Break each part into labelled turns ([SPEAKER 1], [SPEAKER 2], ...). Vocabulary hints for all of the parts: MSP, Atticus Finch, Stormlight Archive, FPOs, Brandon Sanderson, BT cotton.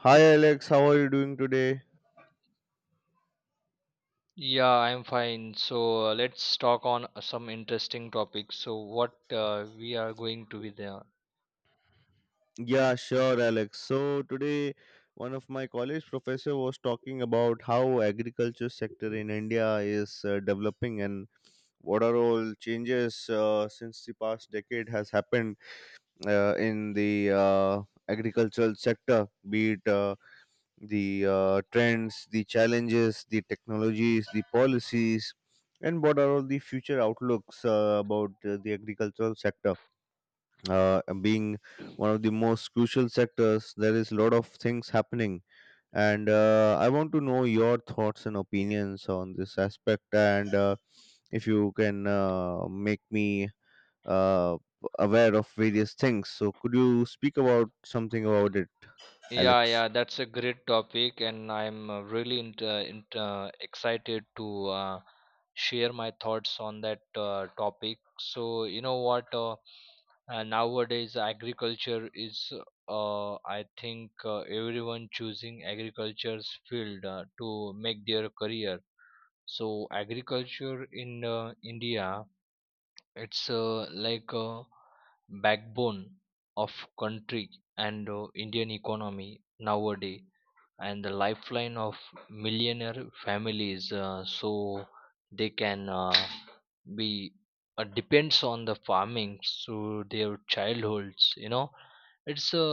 [SPEAKER 1] Hi Alex, how are you doing today?
[SPEAKER 2] Yeah, I'm fine. So let's talk on some interesting topics. So what we are going to be there.
[SPEAKER 1] Yeah, sure Alex. So today one of my college professor was talking about how agriculture sector in India is developing and what are all changes since the past decade has happened in the agricultural sector, be it the trends, the challenges, the technologies, the policies, and what are all the future outlooks about the agricultural sector, being one of the most crucial sectors. There is a lot of things happening, and I want to know your thoughts and opinions on this aspect, and if you can make me uh, aware of various things, so could you speak about something about it,
[SPEAKER 2] Yeah,
[SPEAKER 1] Alex?
[SPEAKER 2] yeah, that's a great topic, and I'm excited to share my thoughts on that topic. So you know what? Nowadays, agriculture is, I think, everyone choosing agriculture's field to make their career. So agriculture in India, it's like a backbone of country and Indian economy nowadays, and the lifeline of millionaire families, so they can. Be depends on the farming through their childhoods, you know, it's a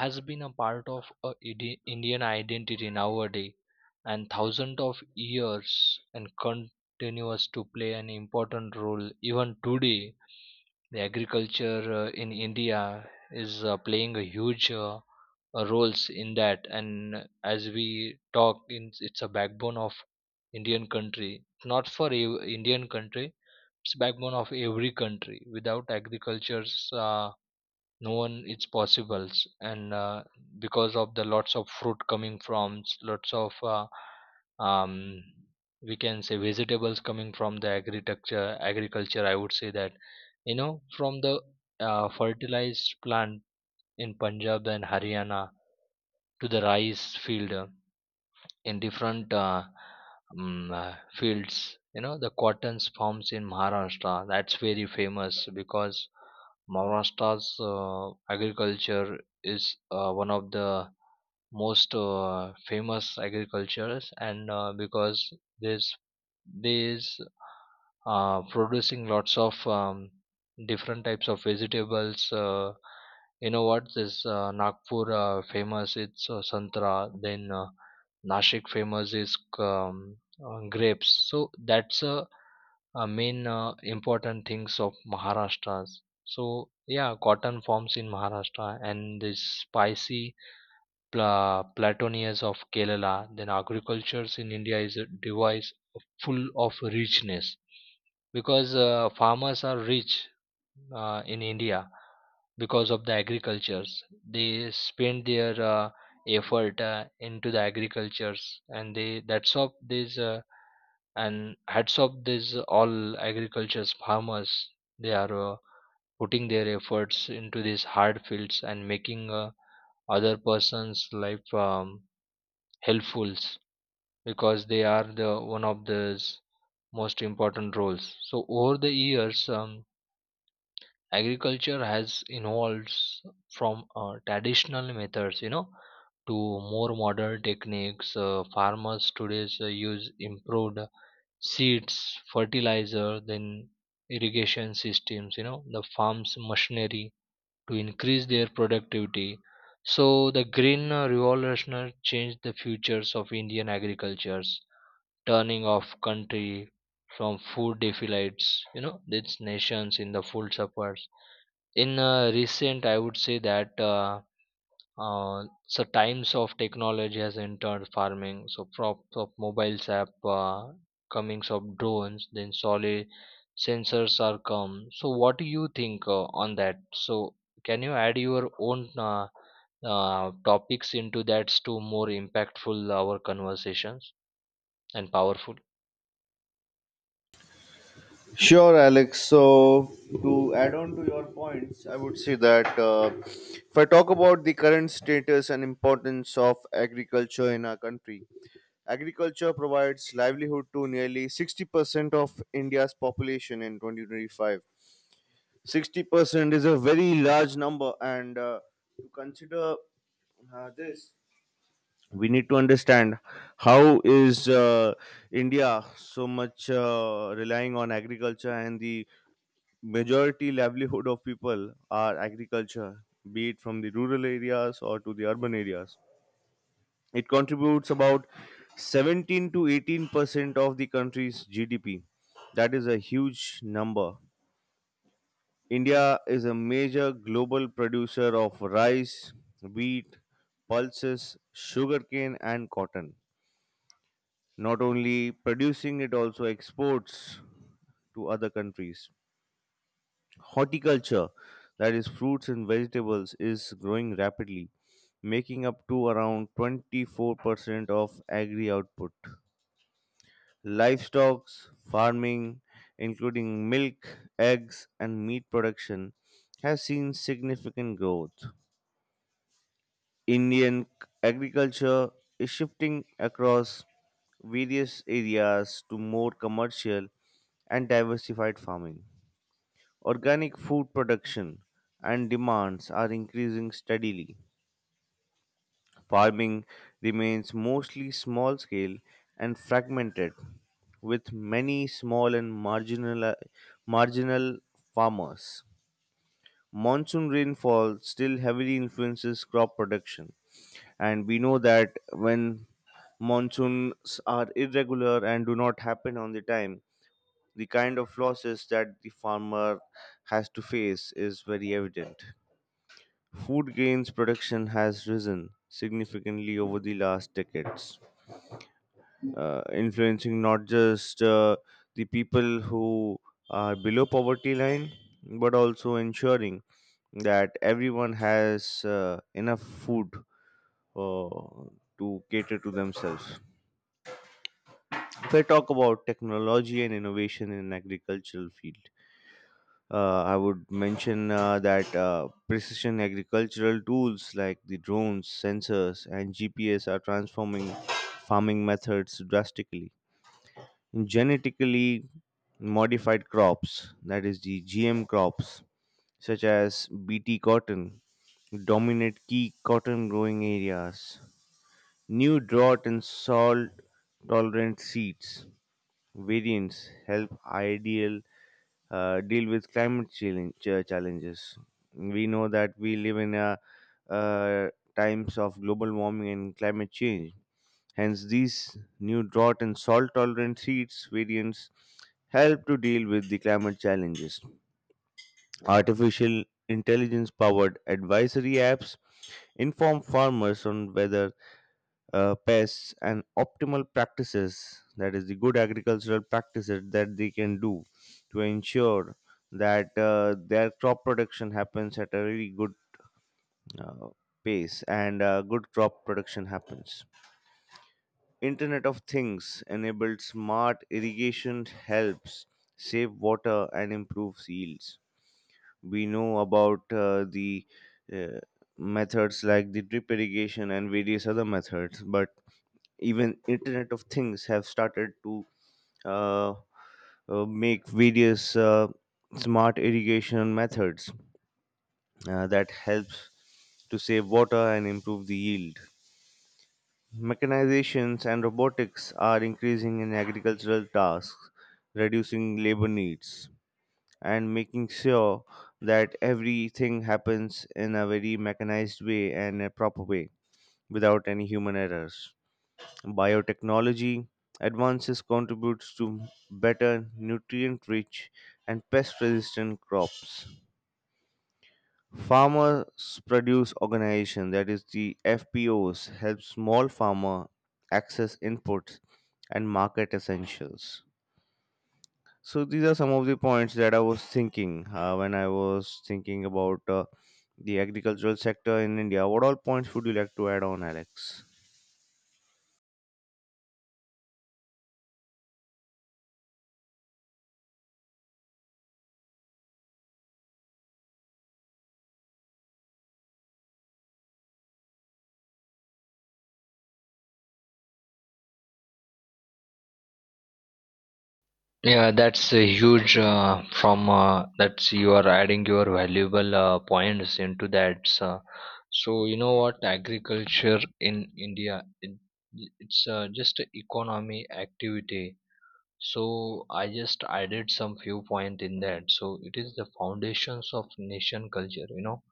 [SPEAKER 2] has been a part of a indian identity nowadays and thousands of years, and continues to play an important role even today. The agriculture in india is playing a huge roles in that, and as we talk in, it's a backbone of indian country, not for ev- indian country. It's backbone of every country. Without agricultures, uh, no one it's possible. And because of the lots of fruit coming from lots of um, we can say vegetables coming from the agriculture. Agriculture, I would say that, you know, from the fertilized plant in punjab and haryana to the rice field in different fields. You know, the cottons farms in Maharashtra, that's very famous because Maharashtra's agriculture is one of the most famous agricultures. And because this this producing lots of different types of vegetables. You know what, this Nagpur famous it's santra, then Nashik famous is grapes. So that's a main important things of Maharashtra's. So yeah, cotton forms in Maharashtra and this spicy plantanias of Kerala, then agriculture's in India is a device full of richness because farmers are rich in India because of the agricultures. They spend their effort into the agricultures, and they that's of this and hats off this all agricultures farmers. They are putting their efforts into these hard fields and making other person's life helpfuls because they are the one of the most important roles. So over the years, agriculture has evolved from traditional methods, you know, to more modern techniques. Farmers today use improved seeds, fertilizer, then irrigation systems, you know, the farms machinery to increase their productivity. So the green revolutionary changed the futures of Indian agricultures, turning off country from food affiliates, you know, these nations in the food supplies in recent. I would say that so times of technology has entered farming. So props of mobiles app, uh, comings of drones, then solid sensors are come. So what do you think on that? So can you add your own topics into that to more impactful our conversations and powerful?
[SPEAKER 1] Sure, Alex. So, to add on to your points, I would say that if I talk about the current status and importance of agriculture in our country, agriculture provides livelihood to nearly 60% of India's population in 2025. 60% is a very large number, and to consider this, we need to understand how is India so much relying on agriculture, and the majority livelihood of people are agriculture, be it from the rural areas or to the urban areas. It contributes about 17 to 18% of the country's GDP. That is a huge number. India is a major global producer of rice, wheat, pulses, sugarcane, and cotton. Not only producing, it also exports to other countries. Horticulture, that is, fruits and vegetables, is growing rapidly, making up to around 24% of agri output. Livestock farming, including milk, eggs, and meat production, has seen significant growth. Indian agriculture is shifting across various areas to more commercial and diversified farming. Organic food production and demands are increasing steadily. Farming remains mostly small scale and fragmented, with many small and marginal farmers. Monsoon rainfall still heavily influences crop production, and we know that when monsoons are irregular and do not happen on the time, the kind of losses that the farmer has to face is very evident. Food grains production has risen significantly over the last decades, influencing not just the people who are below poverty line but also ensuring that everyone has enough food uh, to cater to themselves. If I talk about technology and innovation in agricultural field, I would mention that precision agricultural tools like the drones, sensors, and GPS are transforming farming methods drastically. Genetically modified crops, that is the GM crops, such as BT cotton, dominate key cotton growing areas. New drought and salt tolerant seeds variants help ideal deal with climate challenges. We know that we live in a uh, times of global warming and climate change. Hence, these new drought and salt tolerant seeds variants help to deal with the climate challenges. Artificial intelligence powered advisory apps inform farmers on whether pests and optimal practices, that is, the good agricultural practices that they can do to ensure that their crop production happens at a really good uh, pace and good crop production happens. Internet of Things enabled smart irrigation helps save water and improves yields. We know about the uh, methods like the drip irrigation and various other methods, but even internet of things have started to uh, make various smart irrigation methods that helps to save water and improve the yield. Mechanizations and robotics are increasing in agricultural tasks, reducing labor needs and making sure that everything happens in a very mechanized way and a proper way without any human errors. Biotechnology advances contributes to better nutrient rich and pest resistant crops. Farmers Produce Organization, that is the FPOs, help small farmer access inputs and market essentials. So these are some of the points that I was thinking when I was thinking about the agricultural sector in India. What all points would you like to add on, Alex?
[SPEAKER 2] Yeah, that's a huge from that's you are adding your valuable points into that. So you know what, agriculture in India it, it's just a economy activity. So I just added some few point in that. So it is the foundations of nation culture. You know,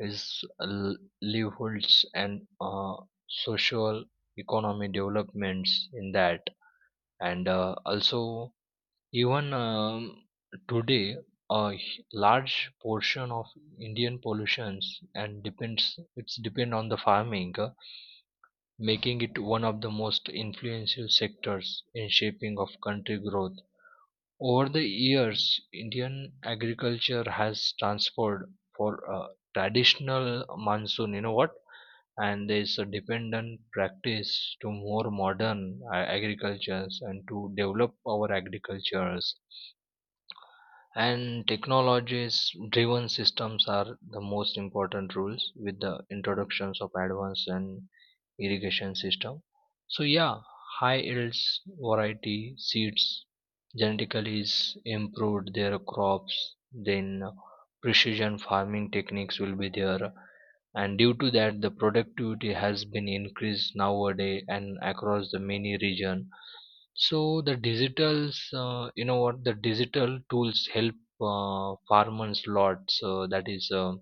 [SPEAKER 2] is livelihoods and social economy developments in that. And also even today, a large portion of Indian pollutions and depends it's depend on the farming, making it one of the most influential sectors in shaping of country growth. Over the years, Indian agriculture has transformed for traditional monsoon, you know what, and there is a dependent practice to more modern agricultures, and to develop our agricultures and technologies driven systems are the most important rules with the introductions of advanced and irrigation system. So yeah, high yields variety seeds, genetically is improved their crops, then precision farming techniques will be there, and due to that the productivity has been increased nowadays and across the many region. So the digitals, you know what, the digital tools help farmers lot. So that is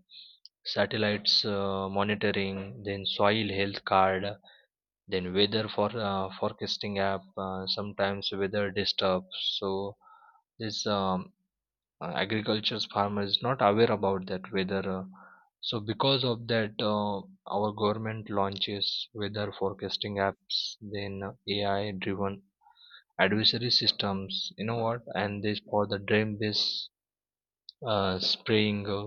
[SPEAKER 2] satellites monitoring, then soil health card, then weather for forecasting app. Sometimes weather disturbs. So this agriculture's farmer is not aware about that weather. So because of that, our government launches weather forecasting apps, then AI driven advisory systems, you know what, and this for the drain based spraying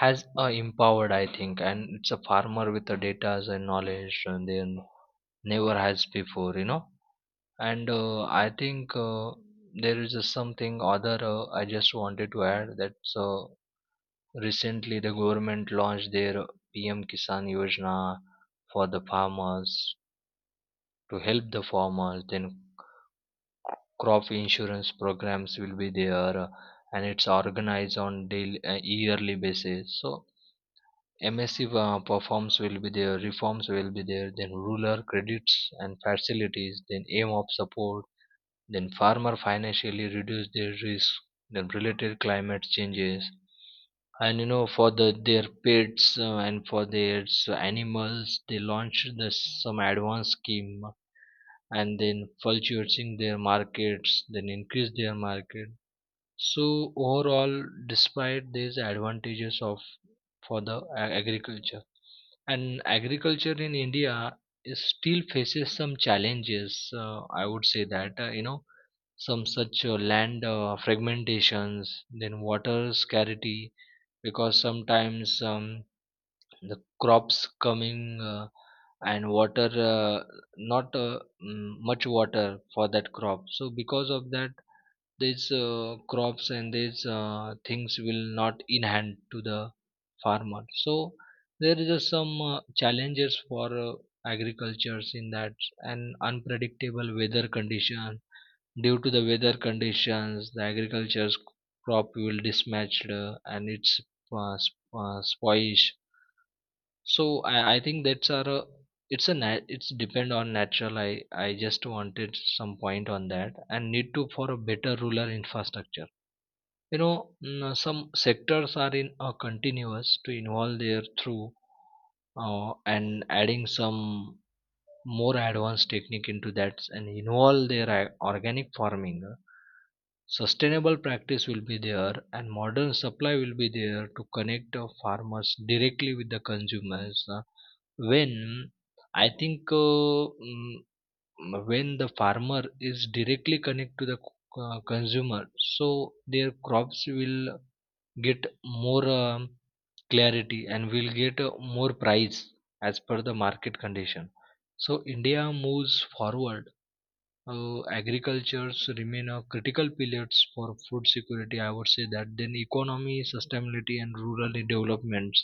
[SPEAKER 2] has empowered, I think, and it's a farmer with the data and knowledge, and then never has before, you know. And I think there is a something other I just wanted to add that. So recently the government launched their pm kisan yojana for the farmers, to help the farmers, then crop insurance programs will be there, and it's organized on daily yearly basis. So msc performs will be there, reforms will be there, then rural credits and facilities, then aim of support, then farmer financially reduce their risk, then related climate changes. And you know, for the their pets and for their animals, they launched this some advanced scheme, and then fluctuating their markets, then increase their market. So overall, despite these advantages of for the agriculture, and agriculture in india is still faces some challenges. I would say that, you know, some such land fragmentations, then water scarcity, because sometimes the crops coming and water not much water for that crop. So because of that, these crops and these things will not in hand to the farmer. So there is a some challenges for agricultures in that, and unpredictable weather condition. Due to the weather conditions, the agriculture's crop will mismatched, and it's spoiled. So I think that's are a, it's a nat, it's depend on natural. I just wanted some point on that, and need to for a better rural infrastructure. You know, some sectors are in a continuous to involve their through and adding some more advanced technique into that, and involve their organic farming, sustainable practice will be there, and modern supply will be there to connect farmers directly with the consumers. When I think mm, when the farmer is directly connect to the consumer, so their crops will get more clarity and we'll get more price as per the market condition. So india moves forward, agricultures remain a critical pillars for food security, I would say that, then economy sustainability and rural developments.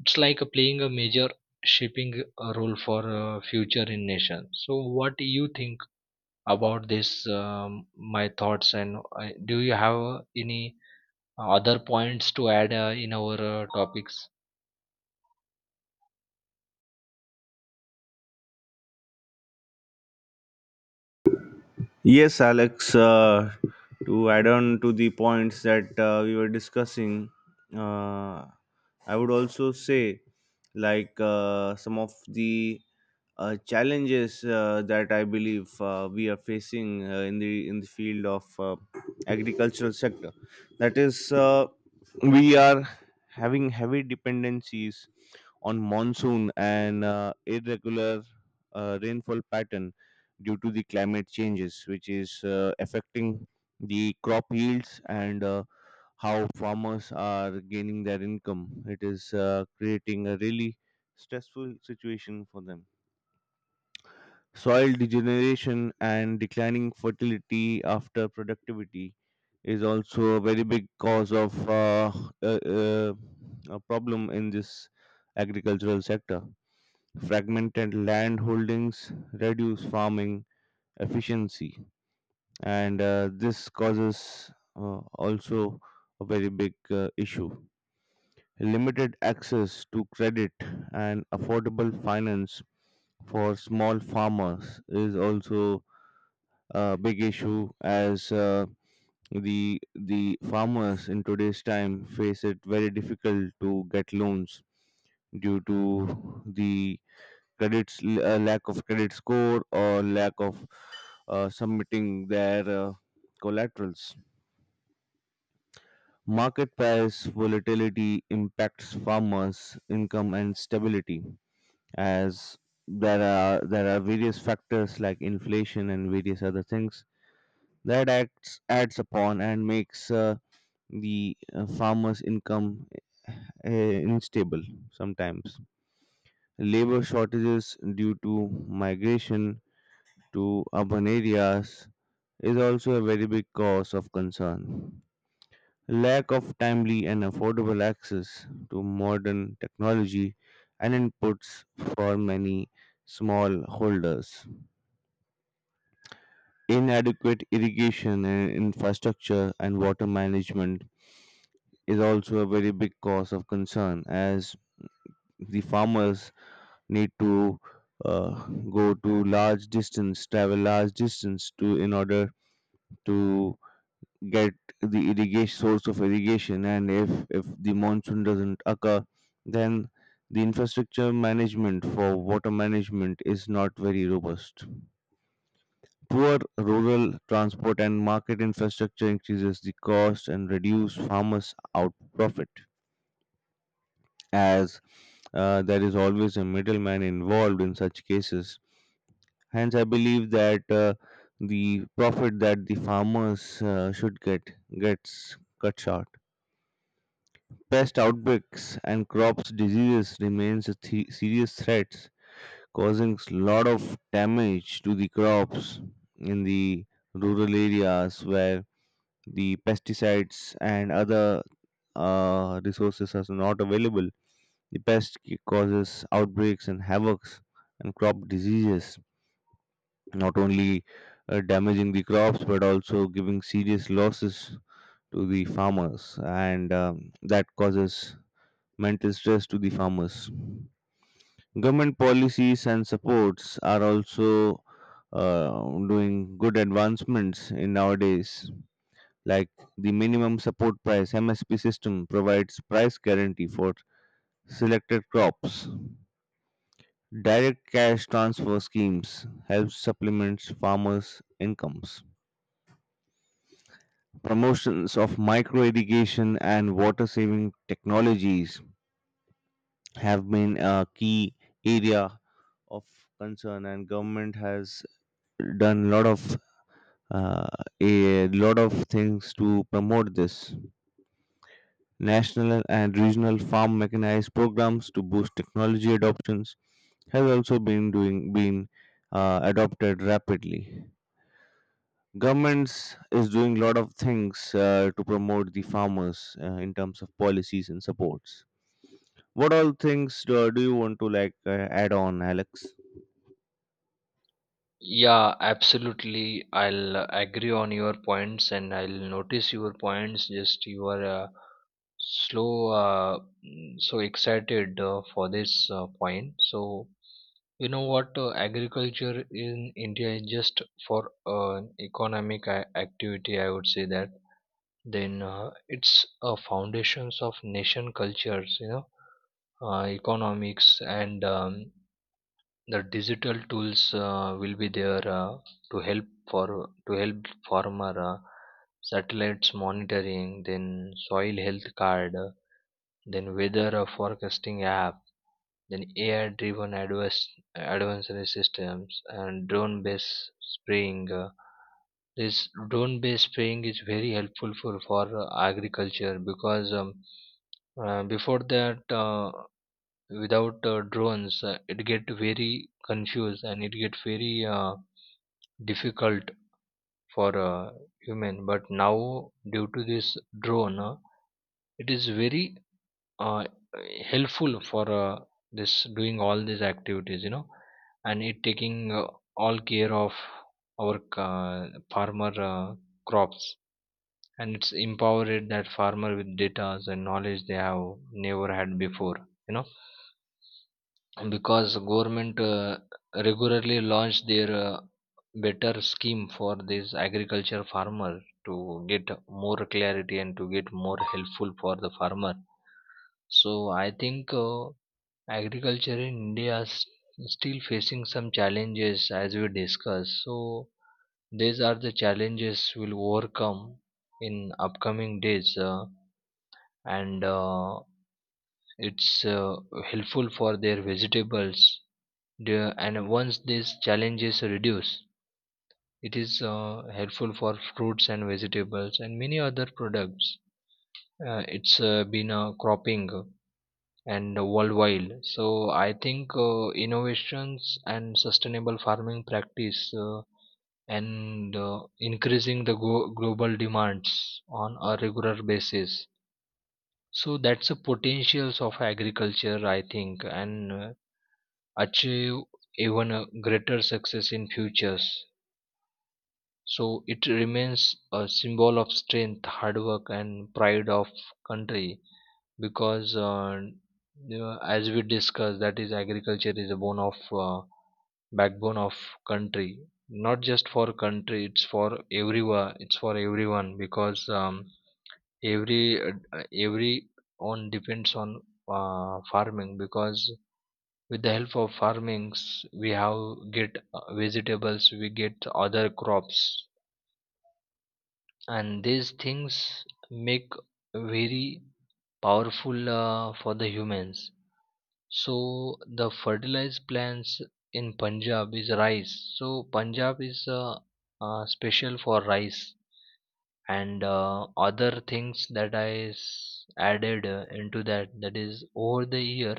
[SPEAKER 2] It's like playing a major shaping a role for future in nation. So what do you think about this, um, my thoughts? And do you have any other points to add in our topics?
[SPEAKER 1] Yes, Alex, to add on to the points that we were discussing, uh, I would also say like some of the challenges that I believe we are facing in the field of agricultural sector. That is, we are having heavy dependencies on monsoon and irregular rainfall pattern due to the climate changes, which is affecting the crop yields and how farmers are gaining their income. It is creating a really stressful situation for them. Soil degeneration and declining fertility after productivity is also a very big cause of uh, uh, a problem in this agricultural sector. Fragmented land holdings reduce farming efficiency, and this causes also a very big issue. Limited access to credit and affordable finance for small farmers is also big issue, as the farmers in today's time face it very difficult to get loans due to the credits, lack of credit score or lack of submitting their collaterals. Market price volatility impacts farmers income and stability, as there are various factors like inflation and various other things that acts adds upon and makes the farmers' income uh, unstable sometimes. Labor shortages due to migration to urban areas is also a very big cause of concern. Lack of timely and affordable access to modern technology and inputs for many smallholders. Inadequate irrigation and infrastructure and water management is also a very big cause of concern, as the farmers need to uh, go to large distance, travel large distance, to in order to get the irrigation, source of irrigation, and if the monsoon doesn't occur, then the infrastructure management for water management is not very robust. Poor rural transport and market infrastructure increases the cost and reduce farmers out profit, as there is always a middleman involved in such cases. Hence, I believe that the profit that the farmers should get gets cut short. Pest outbreaks and crops diseases remains a serious threats, causing a lot of damage to the crops in the rural areas where the pesticides and other resources are not available. The pest causes outbreaks and havocs and crop diseases, not only damaging the crops but also giving serious losses to the farmers, and that causes mental stress to the farmers. Government policies and supports are also uh, doing good advancements in nowadays, like the minimum support price MSP system provides price guarantee for selected crops. Direct cash transfer schemes helps supplements farmers incomes. Promotions of micro irrigation and water saving technologies have been a key area of concern, and government has done a lot of uh, a lot of things to promote this. National and regional farm mechanized programs to boost technology adoptions have also been doing been adopted rapidly. Governments is doing a lot of things to promote the farmers in terms of policies and supports. What all things do you want to like add on, Alex?
[SPEAKER 2] Yeah, absolutely. I'll agree on your points and I'll notice your points. Just you are slow, uh, so excited for this point. So, you know what? Agriculture in India is just for economic activity, I would say that. Then it's foundations of nation cultures, you know, economics and the digital tools will be there to help farmer, satellites monitoring, then soil health card, then weather forecasting app, then ai driven advice advisory systems and drone based spraying. This drone based spraying is very helpful for agriculture, because before that, without drones, it get very confused and it get very difficult for human. But now due to this drone, it is very uh, helpful for this doing all these activities, you know. And it taking all care of our farmer crops, and it's empowered that farmer with data and knowledge they have never had before, you know, because government regularly launch their better scheme for this agriculture farmer to get more clarity and to get more helpful for the farmer. So I think agriculture in india is still facing some challenges as we discuss. So these are the challenges we'll overcome in upcoming days, and it's helpful for their vegetables, and once these challenges reduce, it is helpful for fruits and vegetables and many other products. It's been cropping and worldwide. So I think innovations and sustainable farming practice, and increasing the global demands on a regular basis. So that's the potentials of agriculture, I think, and achieve even a greater success in futures. So it remains a symbol of strength, hard work, and pride of country, because, you know, as we discussed, that is agriculture is a bone of backbone of country. Not just for country, it's for everyone. It's for everyone, because every on depends on farming, because with the help of farmings we have get vegetables, we get other crops. And these things make very powerful for the humans. So the fertilized plants in punjab is rice. So punjab is special for rice. And other things that i added into that, that is, over the year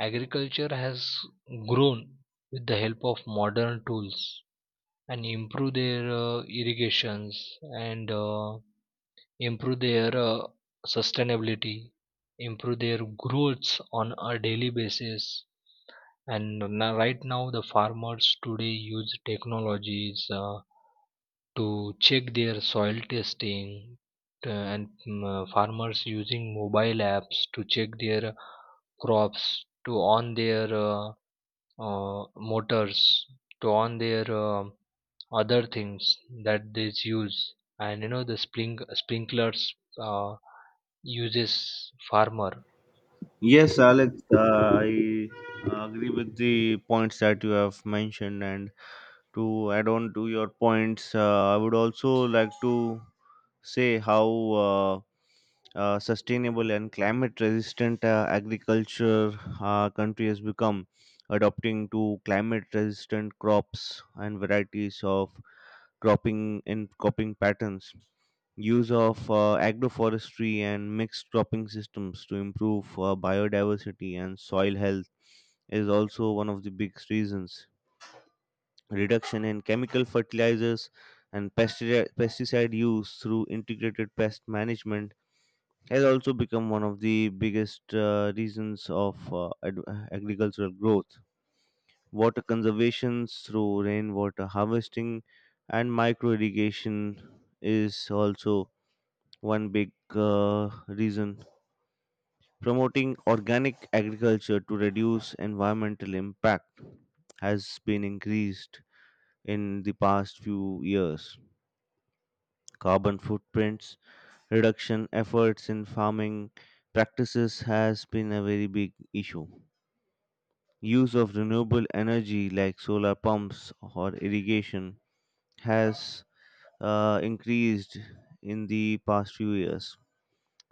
[SPEAKER 2] agriculture has grown with the help of modern tools and improve their irrigations, and improve their sustainability, improve their growths on a daily basis. And now, right now, the farmers today use technologies to check their soil testing, and farmers using mobile apps to check their crops, to on their motors, to on their other things that they use, and you know the spring sprinklers. Uh, Uses farmer.
[SPEAKER 1] Yes, Alex, I agree with the points that you have mentioned. And to add on to your points, I would also like to say how sustainable and climate resistant agriculture country has become, adopting to climate resistant crops and varieties of cropping and cropping patterns. Use of agroforestry and mixed cropping systems to improve biodiversity and soil health is also one of the biggest reasons. Reduction in chemical fertilizers and pesticide use through integrated pest management has also become one of the biggest reasons of agricultural growth. Water conservation through rainwater harvesting and micro irrigation is also one big reason. Promoting organic agriculture to reduce environmental impact has been increased in the past few years. Carbon footprints reduction efforts in farming practices has been a very big issue. Use of renewable energy like solar pumps or irrigation has increased in the past few years.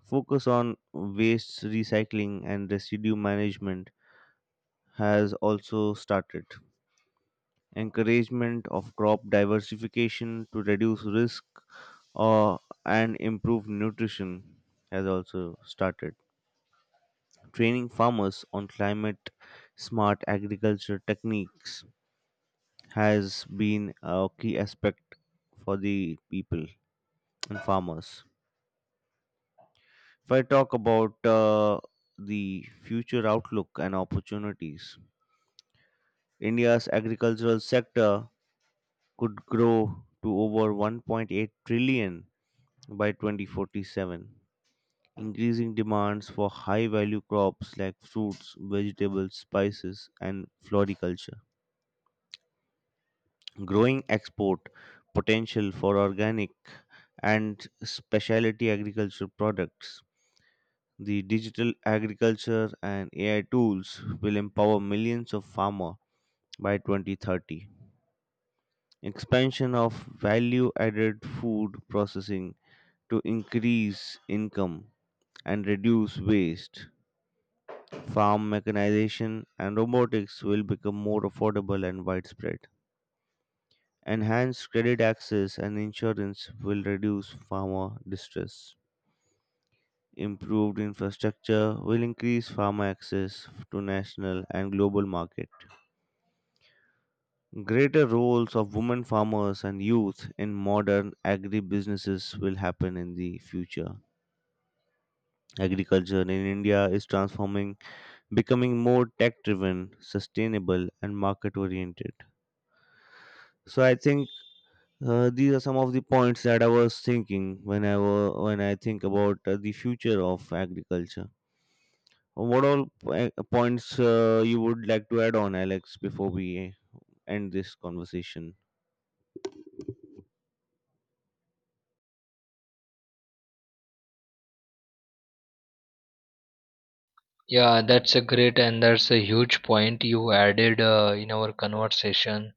[SPEAKER 1] Focus on waste recycling and residue management has also started. Encouragement of crop diversification to reduce risk uh, and improve nutrition has also started. Training farmers on climate smart agriculture techniques has been a key aspect for the people and farmers. If I talk about the future outlook and opportunities, India's agricultural sector could grow to over 1.8 trillion by 2047. Increasing demands for high value crops like fruits, vegetables, spices, and floriculture. Growing export potential for organic and specialty agricultural products. The digital agriculture and AI tools will empower millions of farmers by 2030. Expansion of value added food processing to increase income and reduce waste. Farm mechanization and robotics will become more affordable and widespread. Enhanced credit access and insurance will reduce farmer distress. Improved infrastructure will increase farmer access to national and global market. Greater roles of women farmers and youth in modern agribusinesses will happen in the future. Agriculture in India is transforming, becoming more tech driven, sustainable, and market oriented. So I think these are some of the points that I was thinking when I when I think about the future of agriculture. What all points you would like to add on, Alex, before we end this conversation?
[SPEAKER 2] Yeah, that's a great, and that's a huge point you added in our conversation.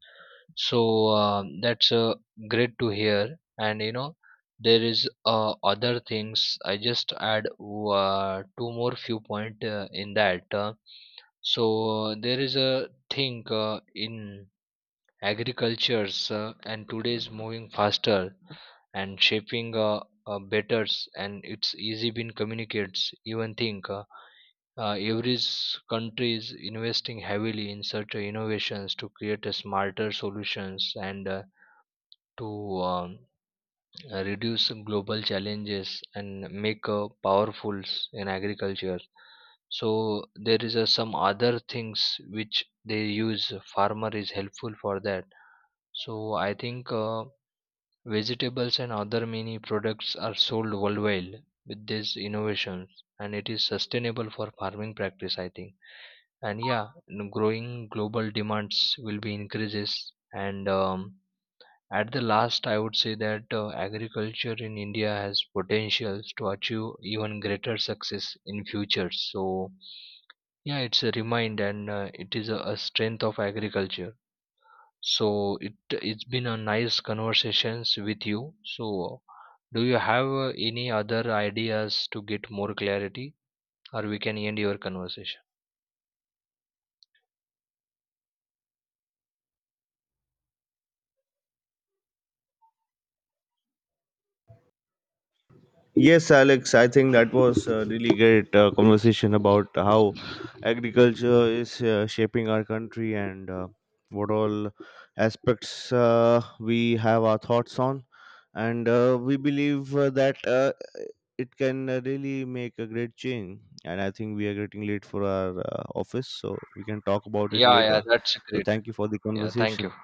[SPEAKER 2] So that's great to hear. And you know, there is other things I just add, two more few point in that. So there is a thing in agricultures, and today's moving faster and shaping betters, and it's easy been communicates even think. Every country is investing heavily in such innovations to create a smarter solutions and to um, reduce global challenges and make powerful in agriculture. So there is some other things which they use. Farmer is helpful for that. So I think vegetables and other many products are sold worldwide with these innovations, and it is sustainable for farming practice, I think. And yeah, growing global demands will be increases. And at the last I would say that agriculture in india has potentials to achieve even greater success in future. So yeah, it's a remind, and it is a strength of agriculture. So it it's been a nice conversations with you. So do you have any other ideas to get more clarity, or we can end your conversation?
[SPEAKER 1] Yes, Alex, I think that was a really great conversation about how agriculture is shaping our country and what all aspects we have our thoughts on. And we believe that it can really make a great change. And I think we are getting late for our office, so we can talk about it
[SPEAKER 2] Yeah, yeah,
[SPEAKER 1] later.
[SPEAKER 2] that's
[SPEAKER 1] So,
[SPEAKER 2] great.
[SPEAKER 1] thank you for the
[SPEAKER 2] Yeah, thank you.
[SPEAKER 1] conversation.